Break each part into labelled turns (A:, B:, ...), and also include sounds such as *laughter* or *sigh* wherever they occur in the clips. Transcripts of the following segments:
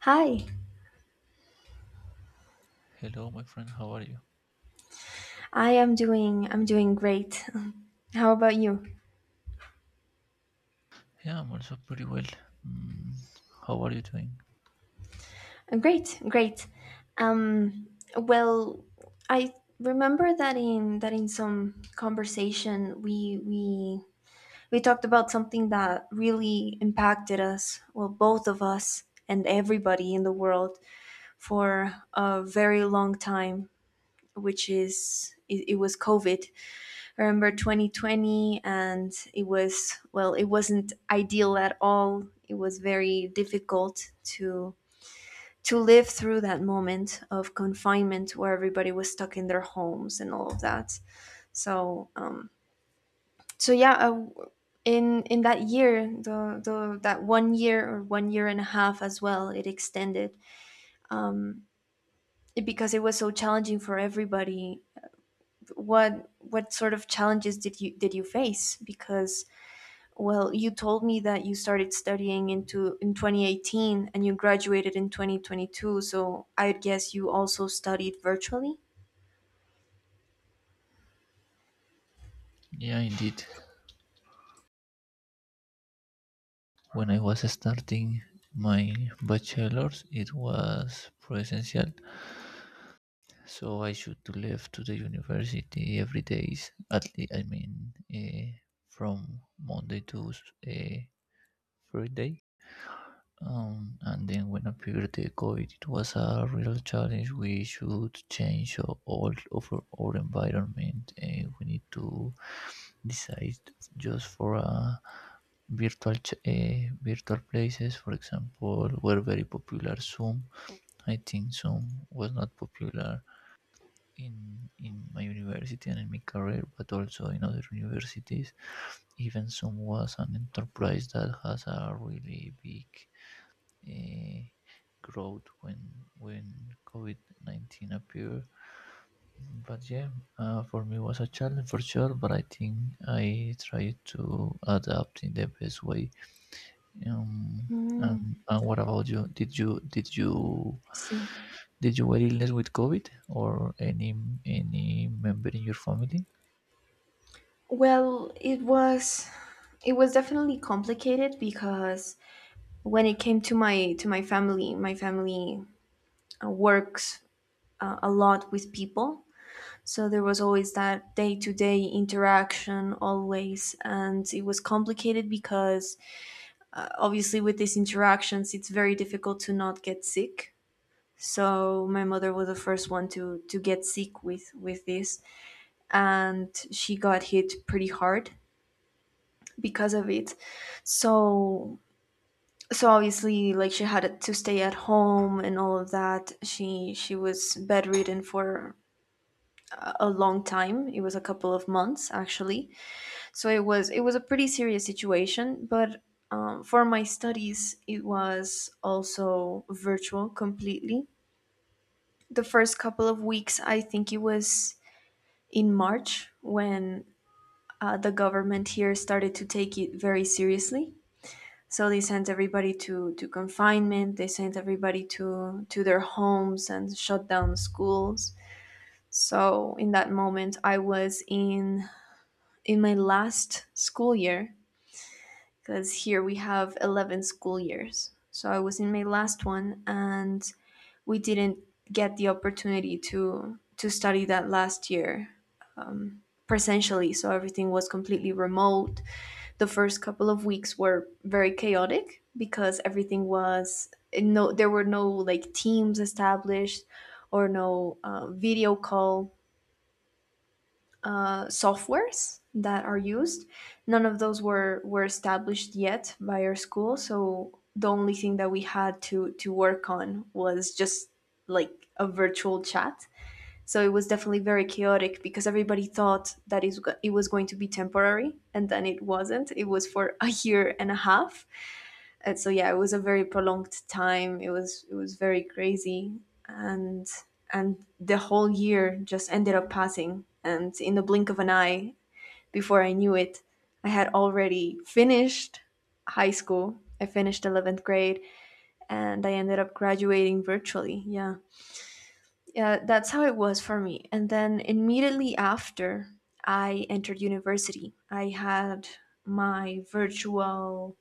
A: Hi,
B: Hello, my friend. How are you?
A: I'm doing great. *laughs* How about you?
B: Yeah, I'm also pretty well. Mm, how are you doing?
A: Great, great. Um, well, I remember that in some conversation we talked about something that really impacted us, well, both of us and everybody in the world for a very long time, which is it was COVID. I remember 2020, and it was, well, it wasn't ideal at all. It was very difficult to live through that moment of confinement where everybody was stuck in their homes and all of that. So, um, so in that year, the that 1 year or 1 year and a half as well, it extended it, because it was so challenging for everybody. What sort of challenges did you face? Because, well, you told me that you started studying into in 2018 and you graduated in 2022, so I guess you also studied virtually?
B: Yeah, indeed. When I was starting my bachelor's, it was presential, so I should to leave to the university every days. At least, I mean, from Monday to uh, Friday. And then when appeared the COVID, it was a real challenge. We should change all of our environment, and we need to decide just for a virtual places. For example, were very popular Zoom. I think Zoom was not popular in in my university and in my career, but also in other universities. Even Zoom was an enterprise that has a really big eh, growth when COVID COVID-19 appeared. But yeah, for me it was a challenge for sure. But I think I tried to adapt in the best way. Um, and,
A: Mm,
B: and what about you? Did you did you
A: I see.
B: did you were illness with COVID or any member in your family?
A: Well, it was definitely complicated because when it came to my family works a lot with people. So there was always that day-to-day interaction always, and it was complicated because obviously with these interactions it's very difficult to not get sick. So my mother was the first one to get sick with this, and she got hit pretty hard because of it. So, so obviously, like, she had to stay at home and all of that. She was bedridden for a long time. It was a couple of months, actually. So it was a pretty serious situation. But for my studies it was also virtual completely. The first couple of weeks, I think it was in March when the government here started to take it very seriously. So they sent everybody to confinement. They sent everybody to their homes and shut down schools. So in that moment I was in my last school year, because here we have 11 school years. So I was in my last one, and we didn't get the opportunity to study that last year presentially. So everything was completely remote. The first couple of weeks were very chaotic because everything was, no, there were no, like, teams established or no video call softwares that are used. None of those were established yet by our school, so the only thing that we had to work on was just like a virtual chat. So it was definitely very chaotic because everybody thought that it was going to be temporary, and then it wasn't. It was for a year and a half, and so yeah, it was a very prolonged time. It was very crazy, and the whole year just ended up passing and, in the blink of an eye, before I knew it, I had already finished high school. I finished 11th grade, and I ended up graduating virtually. Yeah, yeah, that's how it was for me. And then immediately after, I entered university. I had my virtual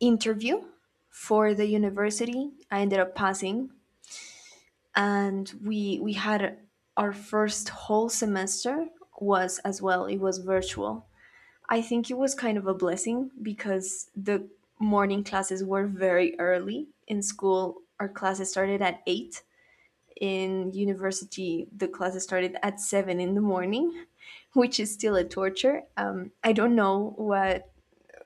A: interview for the university. I ended up passing, and we had our first whole semester was as well. It was virtual. I think it was kind of a blessing because the morning classes were very early in school. Our classes started at eight. In university, the classes started at seven in the morning, *laughs* which is still a torture. I don't know what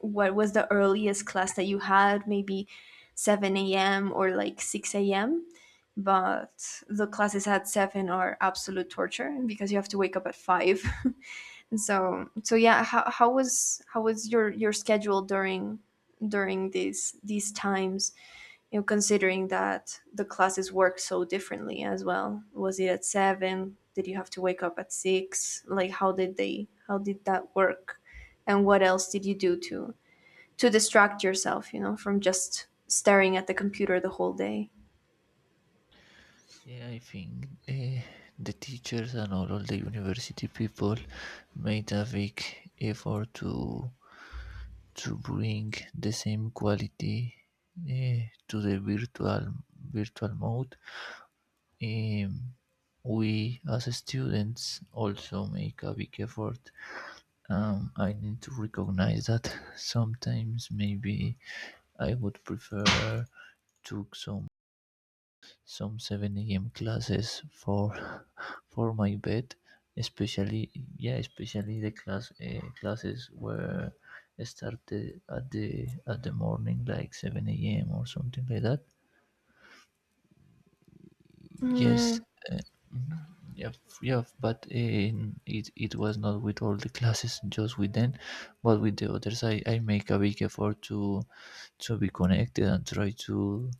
A: was the earliest class that you had? Maybe 7 a.m. or like 6 a.m.? But the classes at 7 are absolute torture because you have to wake up at 5. *laughs* And so yeah, how was your schedule during these times, you know, considering that the classes work so differently as well? Was it at 7? Did you have to wake up at 6? Like, how did they, how did that work? And what else did you do to distract yourself, you know, from just staring at the computer the whole day.
B: Yeah, I think the teachers and all of the university people made a big effort to bring the same quality to the virtual mode. Um, we as students also make a big effort. I need to recognize that sometimes maybe I would prefer to some 7 a.m. classes for *laughs* for my bed, especially, yeah, especially the classes were started at the morning like 7 a.m. or something like that. Yes,
A: Mm,
B: uh, mhm, yeah, yeah, but it was not with all the classes, just with them, but with the others, I make a big effort to be connected and try to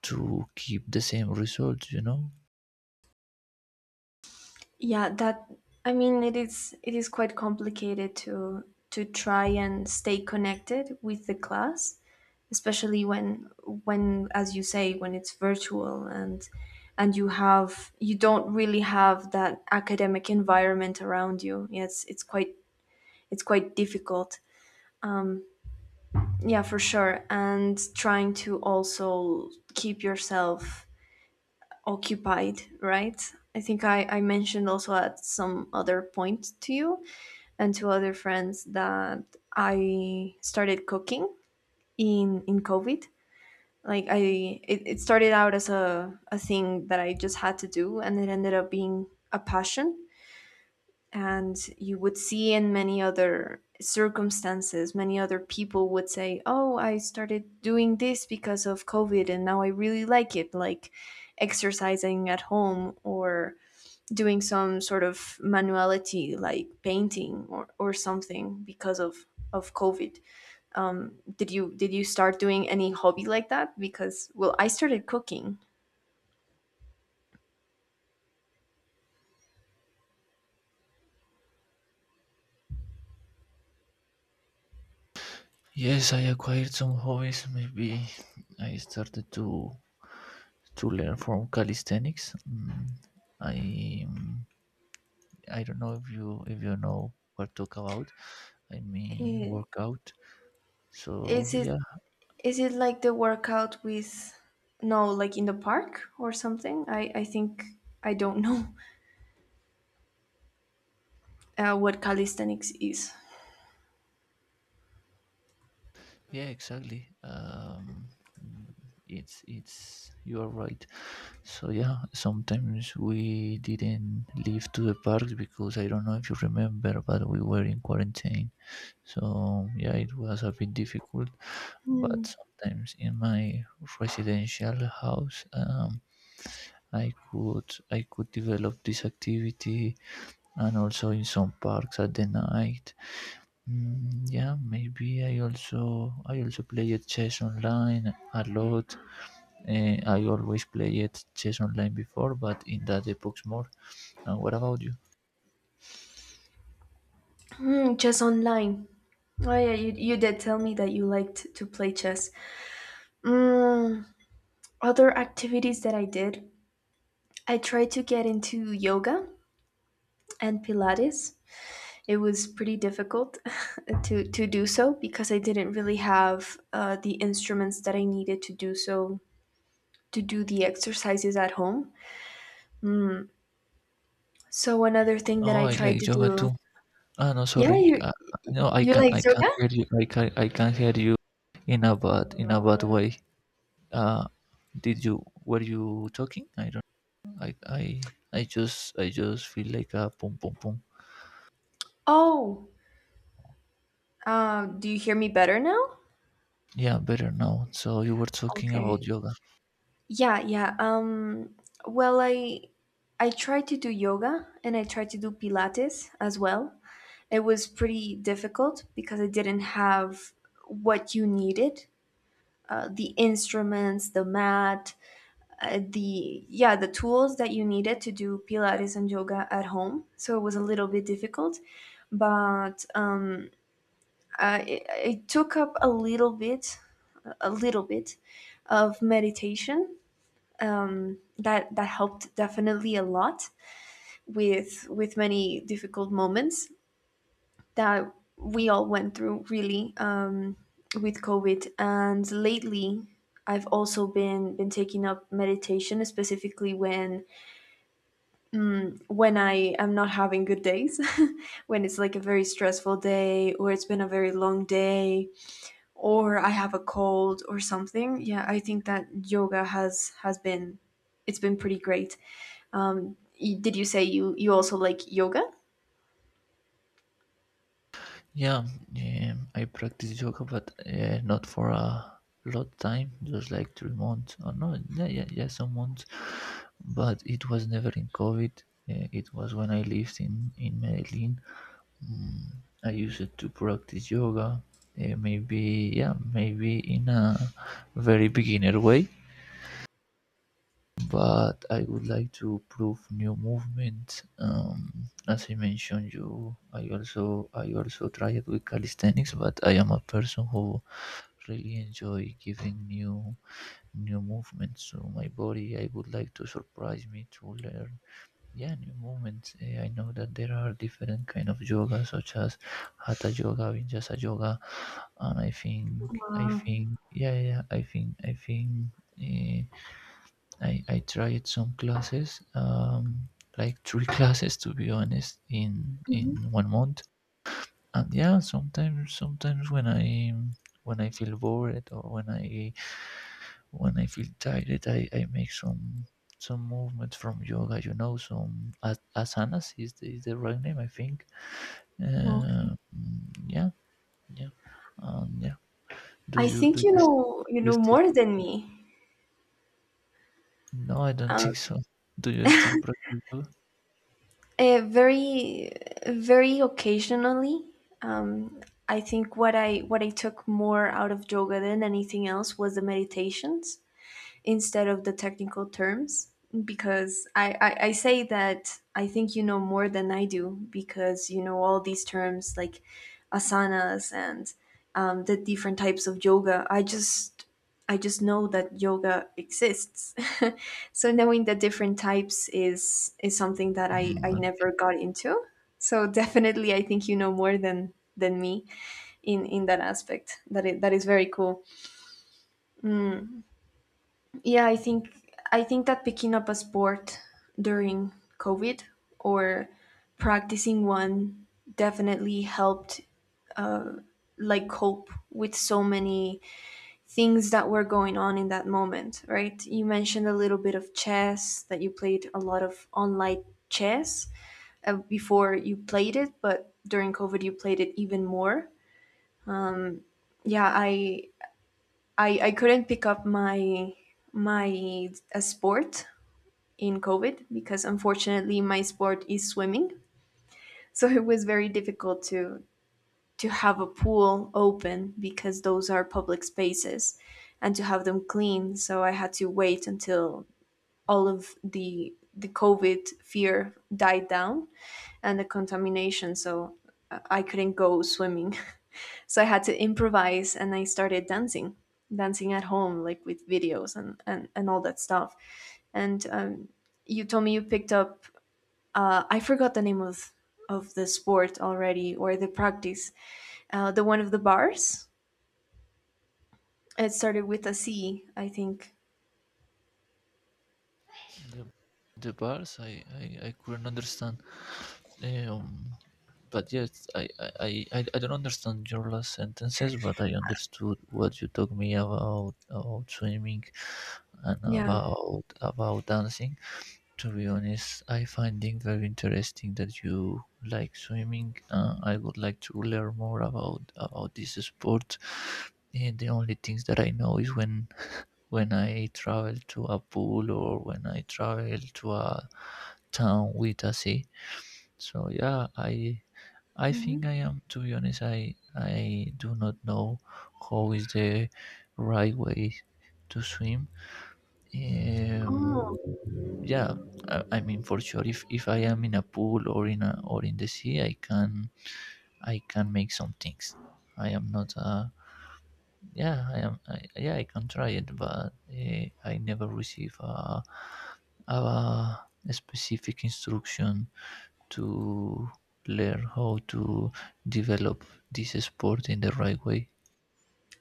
B: to keep the same result.
A: yeah, that, I mean, it is, quite complicated to try and stay connected with the class, especially when as you say, when it's virtual and you have, you don't really have that academic environment around you. Yes, it's quite, difficult. Yeah, for sure. And trying to also keep yourself occupied, right? I think I mentioned also at some other point to you and to other friends that I started cooking in COVID. Like, I it, started out as a thing that I just had to do, and it ended up being a passion. And you would see in many other circumstances, many other people would say, "Oh, I started doing this because of COVID and now I really like it," like exercising at home or doing some sort of manuality like painting or something because of COVID. Did you start doing any hobby like that? Because, well, I started cooking.
B: Yes, I acquired some hobbies. Maybe I started to learn from calisthenics. I um, I don't know if you know what talk about. I mean
A: Eh,
B: workout.
A: is
B: So yeah,
A: it, like the workout with, no, like, in the park or something? I think I don't know *laughs* what calisthenics is.
B: yeah, exactly. It's you are right. So yeah, sometimes we didn't leave to the park because I don't know if you remember, but we were in quarantine. So yeah, it was a bit difficult, but sometimes in my residential house, I could develop this activity and also in some parks at the night. Mm, yeah, maybe I also play chess online a lot. I always played chess online before, but in that epochs more. And what about you?
A: Hmm, chess online. Oh yeah, you did tell me that you liked to play chess. Mm, other activities that I did: I tried to get into yoga and Pilates. It was pretty difficult *laughs* to do so because I didn't really have the instruments that I needed to do so, to do the exercises at home. So another thing that
B: Oh,
A: I
B: I
A: tried
B: like
A: to
B: yoga
A: do,
B: too. Ah, no,
A: yeah,
B: sorry.
A: you
B: No, I
A: you
B: can
A: like
B: I can
A: yoga?
B: hear you. I can hear you in a bad way. uh did you, were you talking? I don't... i i I just feel like a boom boom boom.
A: Oh, do you hear me better now?
B: Yeah, better now. So you were talking about
A: Okay.
B: yoga.
A: Yeah, yeah. Well, I tried to do yoga and I tried to do Pilates as well. It was pretty difficult because I didn't have what you needed. The instruments, the mat, the yeah, the tools that you needed to do Pilates and yoga at home. So it was a little bit difficult, but I, it took up a little bit, a little bit of meditation. That helped definitely a lot with many difficult moments that we all went through really, with COVID. And lately, I've also been taking up meditation, specifically when I am not having good days, *laughs* when it's like a very stressful day, or it's been a very long day, or I have a cold or something. Yeah, I think that yoga has been, it's been pretty great. Did you say you also like yoga?
B: Yeah, I practice yoga, but not for a lot time, just like 3 months or no, yeah, yeah, yeah, some months, but it was never in covid. It was when I lived in Medellin. I use it to practice yoga. Maybe, yeah, maybe in a very beginner way, but I would like to prove new movements. As I mentioned, I also try it with calisthenics, but I am a person who really enjoy giving new movements to my body. I would like to surprise me to learn, yeah, new movements. I know that there are different kind of yoga, such as hatha yoga, vinyasa yoga, and i think i
A: Uh,
B: think yeah, yeah, yeah, I think. Eh, i i tried some classes, like three *laughs* classes, to be honest, in
A: mhm.
B: one month. And, yeah, sometimes when I feel bored, or when I feel tired, I make some movement from yoga, some asanas is the right name, I think.
A: Okay.
B: Yeah, yeah, yeah. do
A: I
B: you do
A: think you
B: you, st-
A: know,
B: you still
A: more than me.
B: No, I don't *laughs* think
A: Um,
B: so. Do you still practice yoga?
A: very occasionally. Um, I think what I, took more out of yoga than anything else was the meditations, instead of the technical terms, because I say that I think you know more than I do because you know all these terms like asanas and the different types of yoga. I just, know that yoga exists. *laughs* So knowing the different types is, something that
B: Mm,
A: I
B: okay.
A: never got into. So definitely I think you know more than me in that aspect. That is, very cool. Mm. Yeah, I think, that picking up a sport during COVID or practicing one definitely helped, like, cope with so many things that were going on in that moment, right? You mentioned a little bit of chess, that you played a lot of online chess before, you played it, but during COVID you played it even more. Yeah, I couldn't pick up my my a sport in COVID because unfortunately my sport is swimming. So it was very difficult to have a pool open because those are public spaces, and to have them clean. So I had to wait until all of the COVID fear died down and the contamination. So I couldn't go swimming. *laughs* So I had to improvise and I started dancing, dancing at home, like with videos and, all that stuff. And you told me you picked up I forgot the name of the sport already, or the practice. The one of the bars. It started with a C, I think.
B: the, the bars, I couldn't understand, um but yes, I don't understand your last sentences, but I understood what you told me about swimming and
A: Yeah.
B: about dancing. To be honest, I find it very interesting that you like swimming. I would like to learn more about this sport. And the only things that I know is when I travel to a pool or when I travel to a town with a sea. So yeah, I
A: Hmm.
B: think I am. To be honest, I do not know how is the right way to swim. Um,
A: Oh,
B: yeah, I mean for sure, if I am in a pool, or in a, or in the sea, I can make some things. I am not a, yeah, I am, I, yeah, I can try it, but I never receive a specific instruction to learn how to develop this sport in the right way.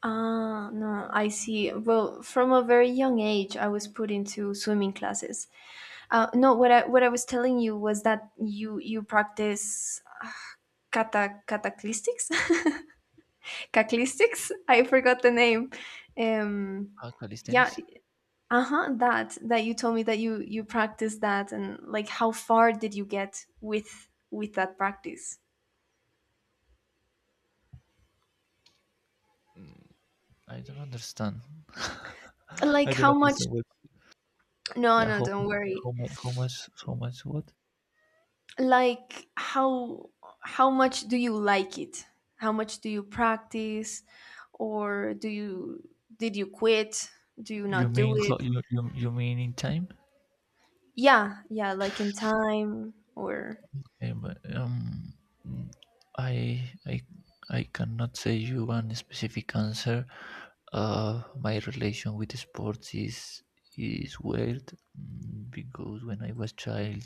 A: ah, no, I see. Well, from a very young age, I was put into swimming classes. No, what I, was telling you was that you practice kata cataclistics, *laughs* caclistics. I forgot the name. Um, yeah,
B: Calisthenics?
A: uh-huh, that you told me that you practiced that, and like how far did you get with that practice,
B: I don't understand. *laughs* I
A: like
B: don't
A: how much.
B: understand what.
A: No,
B: Yeah,
A: no,
B: how
A: don't worry.
B: how much how much how much what?
A: Like how much do you like it? How much do you practice? Or do you... did you quit? Do you
B: You
A: not do
B: mean
A: it?
B: how, you mean in time?
A: Yeah, yeah, like in time or...
B: Okay, but mm, I I I cannot say you one specific answer. My relation with sports is weird, because when I was child,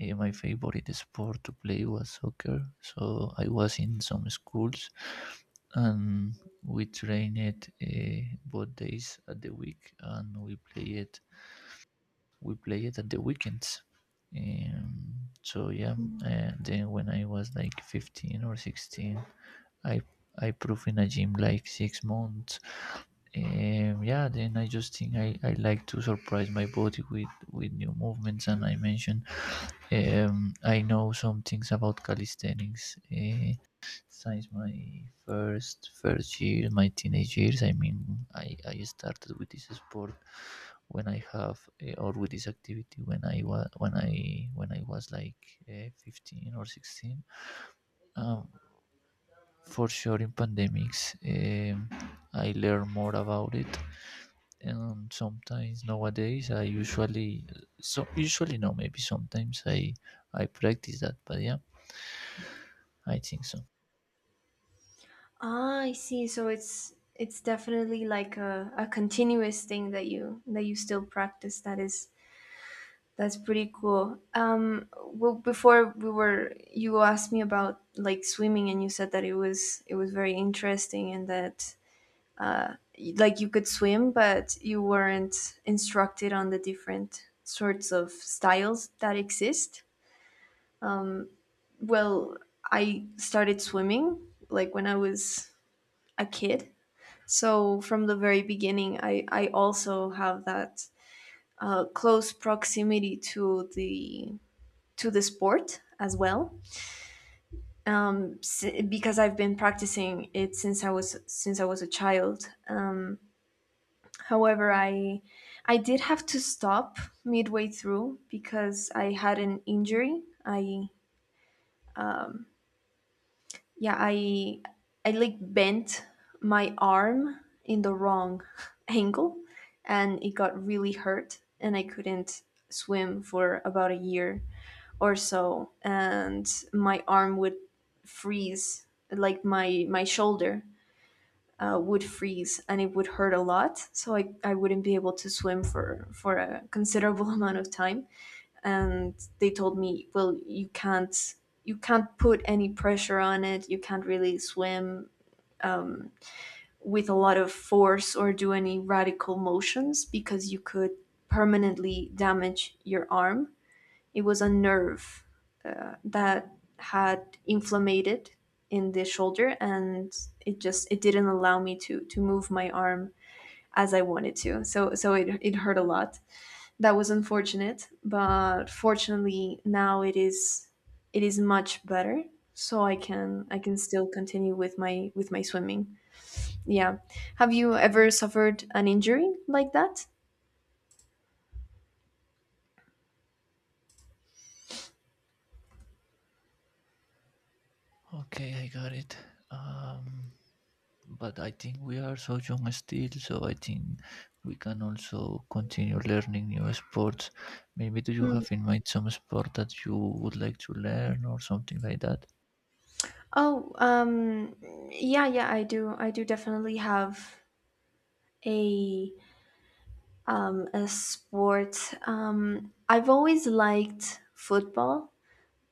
B: my favorite sport to play was soccer. So I was in some schools, and we trained, both days at the week, and we play it at the weekends. Um, so yeah, then when I was like 15 or 16, I I proved in a gym like 6 months. Yeah, then I just think I like to surprise my body with new movements, and I mentioned, I know some things about calisthenics, since my first year, my teenage years. I mean, I started with this sport when I have, or with this activity when I was like, 15 or 16. Um, for sure, in pandemics, I learn more about it. And sometimes nowadays, I usually, so usually no, maybe sometimes I practice that, but yeah, I think so.
A: Ah, I see. So it's definitely like a continuous thing that you still practice. That's pretty cool. Well, before we were you asked me about like swimming, and you said that it was very interesting, and that like you could swim, but you weren't instructed on the different sorts of styles that exist. Well, I started swimming like when I was a kid. So from the very beginning, I also have that close proximity to the sport as well, um, because I've been practicing it since I was a child. However, I did have to stop midway through because I had an injury. I Yeah, I like bent my arm in the wrong *laughs* angle, and it got really hurt, and I couldn't swim for about a year or so, and my arm would freeze, like my shoulder would freeze, and it would hurt a lot, so I wouldn't be able to swim for a considerable *laughs* amount of time, and they told me, "Well, you can't put any pressure on it. You can't really swim with a lot of force or do any radical motions because you could permanently damage your arm." It was a nerve that had inflamed in the shoulder, and it didn't allow me to move my arm as I wanted to. So it hurt a lot. That was unfortunate, but fortunately now it is much better. So I can still continue with my swimming. Yeah. Have you ever suffered an injury like that?
B: Okay, I got it. Um, but I think we are so young still, so I think we can also continue learning new sports. Maybe do you
A: Hmm.
B: have in mind some sport that you would like to learn, or something like that?
A: Oh. Yeah, yeah, I do. I do definitely have a a sport. I've always liked football,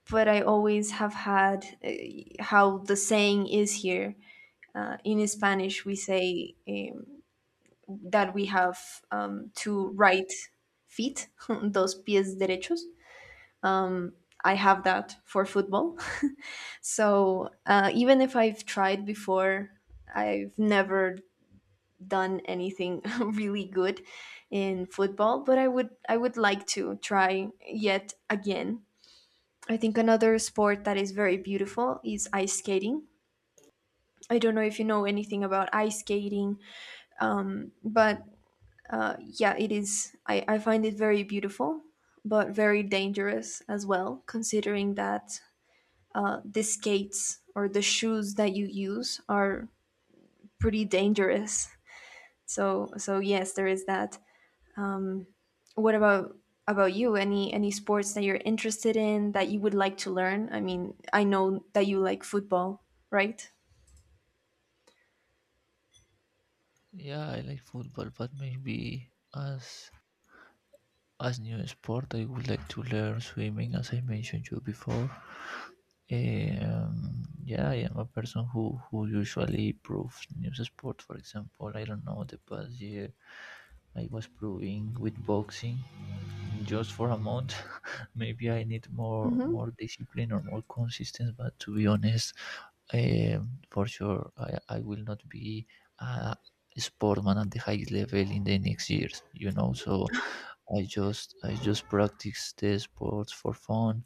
A: but I always have had, how the saying is here. In Spanish, we say, that we have, two right feet, *laughs* dos pies derechos. I have that for football. *laughs* So, even if I've tried before, I've never done anything *laughs* really good in football. But I would like to try yet again. I think another sport that is very beautiful is ice skating. I don't know if you know anything about ice skating, but... yeah, it is. I find it very beautiful, but very dangerous as well, considering that the skates or the shoes that you use are pretty dangerous. So yes, there is that. What about you? Any sports that you're interested in that you would like to learn? I mean, I know that you like football, right?
B: Yeah, I like football, but maybe as new sport, I would like to learn swimming, as I mentioned you before. Yeah, I am a person who usually proves new sport. For example, I don't know, the past year I was proving with boxing just for a month. *laughs* Maybe I need more
A: Mm-hmm.
B: more discipline or more consistency. But to be honest, um, for sure, I will not be a sportman at the highest level in the next years. So I just practice the sports for fun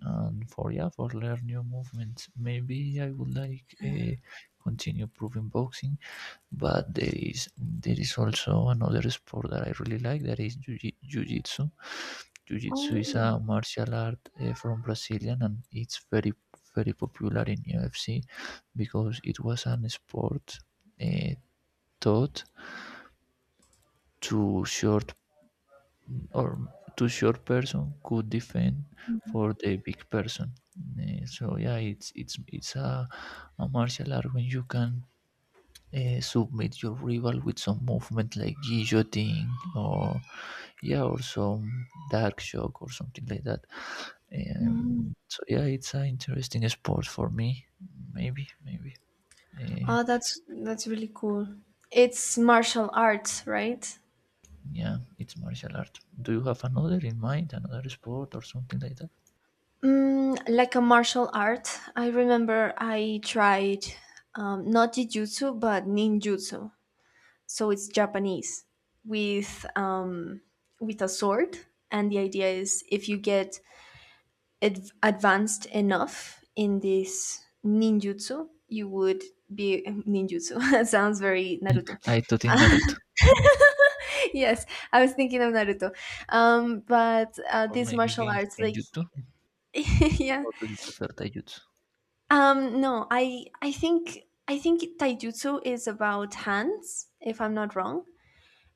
B: and for, yeah, for learn new movements. Maybe I would like, continue proving boxing, but there is also another sport that I really like, that is jiu-jitsu. Jiu-jitsu
A: Oh.
B: is a martial art, from Brazilian, and it's very very popular in UFC, because it was an sport, uh, taught to short or to short person could defend for the big person. So yeah, it's a martial art when you can, submit your rival with some movement like guillotine, or, yeah, or some dark shock or something like that. So yeah, it's an interesting sport for me. Maybe. Eh,
A: Ah, that's really cool. It's martial arts, right?
B: yeah, it's martial art. Do you have another in mind, another sport or something like that?
A: Mm, like a martial art. I remember I tried, not jujutsu but ninjutsu. So it's Japanese with um, with a sword, and the idea is if you get advanced enough in this ninjutsu, you would be ninjutsu. *laughs* Sounds very Naruto.
B: I thought in
A: *laughs*
B: Naruto.
A: Yes, I was thinking of Naruto. But
B: Or
A: these
B: maybe
A: martial
B: Gen-
A: arts, like...
B: Genjutsu.
A: *laughs* Yeah.
B: Or do you prefer taijutsu?
A: No, I think taijutsu is about hands, if I'm not wrong.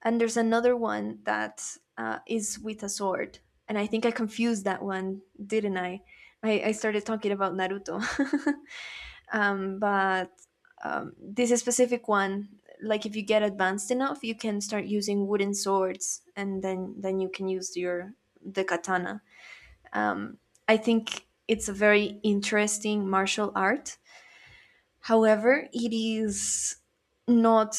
A: And there's another one that is with a sword, and I think I confused that one, didn't I? I started talking about Naruto, *laughs* but this specific one, like if you get advanced enough, you can start using wooden swords, and then you can use your the katana. Um, I think it's a very interesting martial art. However, it is not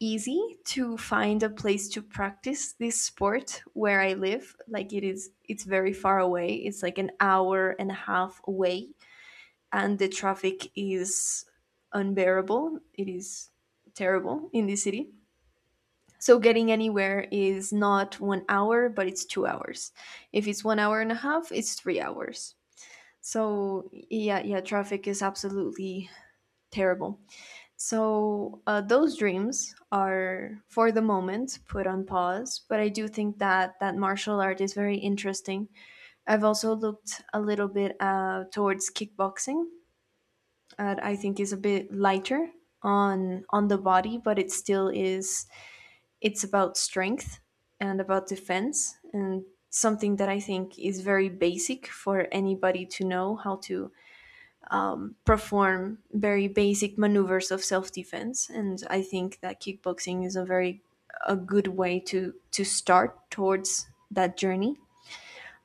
A: easy to find a place to practice this sport where I live. Like it's very far away. It's like an hour and a half away, and the traffic is unbearable. It is terrible in this city. So getting anywhere is not 1 hour, but it's 2 hours. If it's 1 hour and a half, it's 3 hours. So yeah, yeah, traffic is absolutely terrible. So, those dreams are for the moment put on pause, but I do think that that martial art is very interesting. I've also looked a little bit towards kickboxing. I think is a bit lighter on the body, but it still is it's about strength, and about defense, and something that I think is very basic for anybody to know how to perform very basic maneuvers of self-defense, and I think that kickboxing is a good way to start towards that journey,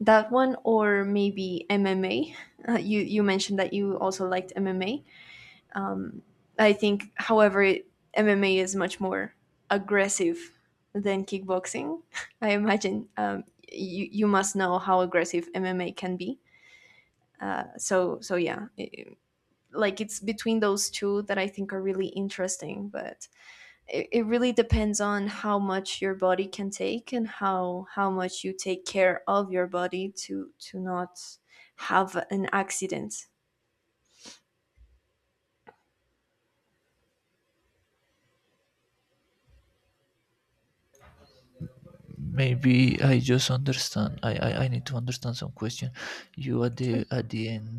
A: that one, or maybe MMA. *laughs* You mentioned that you also liked MMA. I think, however, MMA is much more aggressive than kickboxing, *laughs* I imagine. You must know how aggressive MMA can be, so yeah, like it's between those two that I think are really interesting. But it really depends on how much your body can take, and how much you take care of your body to not have an accident.
B: Maybe I just understand, I need to understand some question. You, at at the end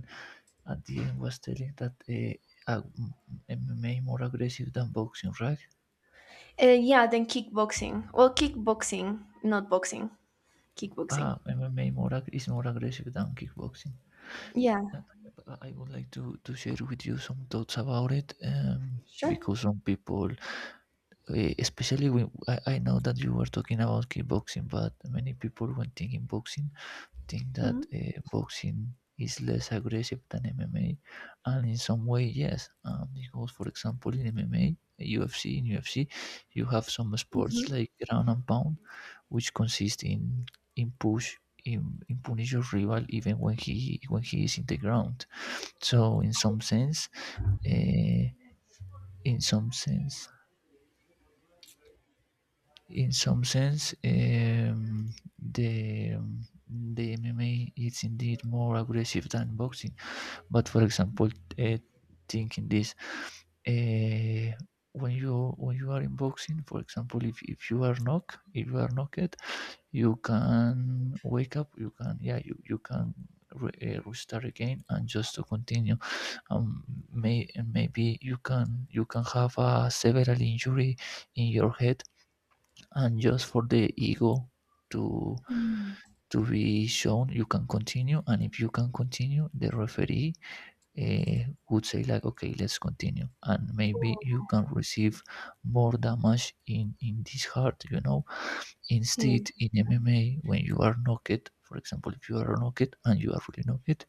B: the end, was telling that uh, m- MMA more aggressive than boxing, right?
A: Yeah, then kickboxing. Well, kickboxing, not boxing. Kickboxing.
B: Ah, MMA, is more aggressive than kickboxing.
A: Yeah,
B: And I would like to share with you some thoughts about it,
A: sure.
B: because some people, especially when, I know that you were talking about kickboxing, but many people when thinking boxing think that,
A: Mm-hmm.
B: boxing is less aggressive than MMA, and in some way, yes, because, for example, in MMA, UFC, in UFC, you have some sports
A: Mm-hmm.
B: like ground and pound, which consist in push. In punish your rival even when he is in the ground. So in some sense, uh, in some sense, in some sense um, the the MMA is indeed more aggressive than boxing. But for example, uh, thinking this, uh, when you are in boxing, for example, if you are knocked, if you are knocked, you can wake up. You can yeah, you can restart again and just to continue. May and maybe you can have a several injury in your head, and just for the ego to
A: Mm.
B: to be shown, you can continue, and if you can continue, the referee, would say like, okay, let's continue, and maybe you
A: Oh.
B: can receive more damage in this heart.
A: Sí.
B: Instead in MMA, when you are knocked, for example, if you are knocked and you are really knocked,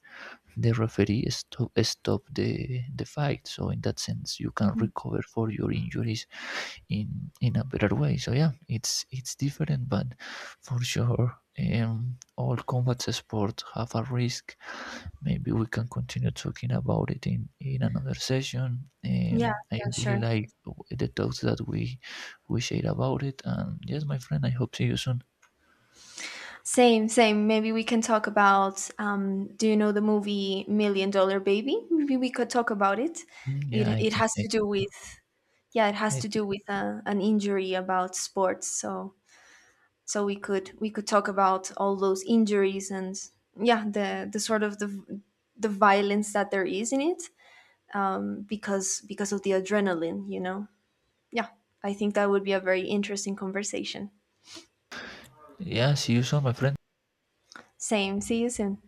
B: the referee stop the fight. So in that sense you can
A: Mm.
B: recover for your injuries in in a better way. So yeah, it's different, but for sure, all combat sports have a risk. Maybe we can continue talking about it, in another session.
A: Yeah,
B: I
A: yeah,
B: really
A: sure.
B: like the talks that we shared about it. And yes, my friend, I hope see you soon.
A: Same, same. Maybe we can talk about. Do you know the movie Million Dollar Baby? Maybe we could talk about it.
B: Mm, yeah,
A: It
B: I
A: it
B: think,
A: has
B: I,
A: to do with Yeah, it has
B: I
A: to do with an injury about sports. So we could talk about all those injuries, and yeah, the sort of the violence that there is in it, because of the adrenaline. Yeah, I think that would be a very interesting conversation.
B: yeah, see you soon, my friend.
A: Same. See you soon.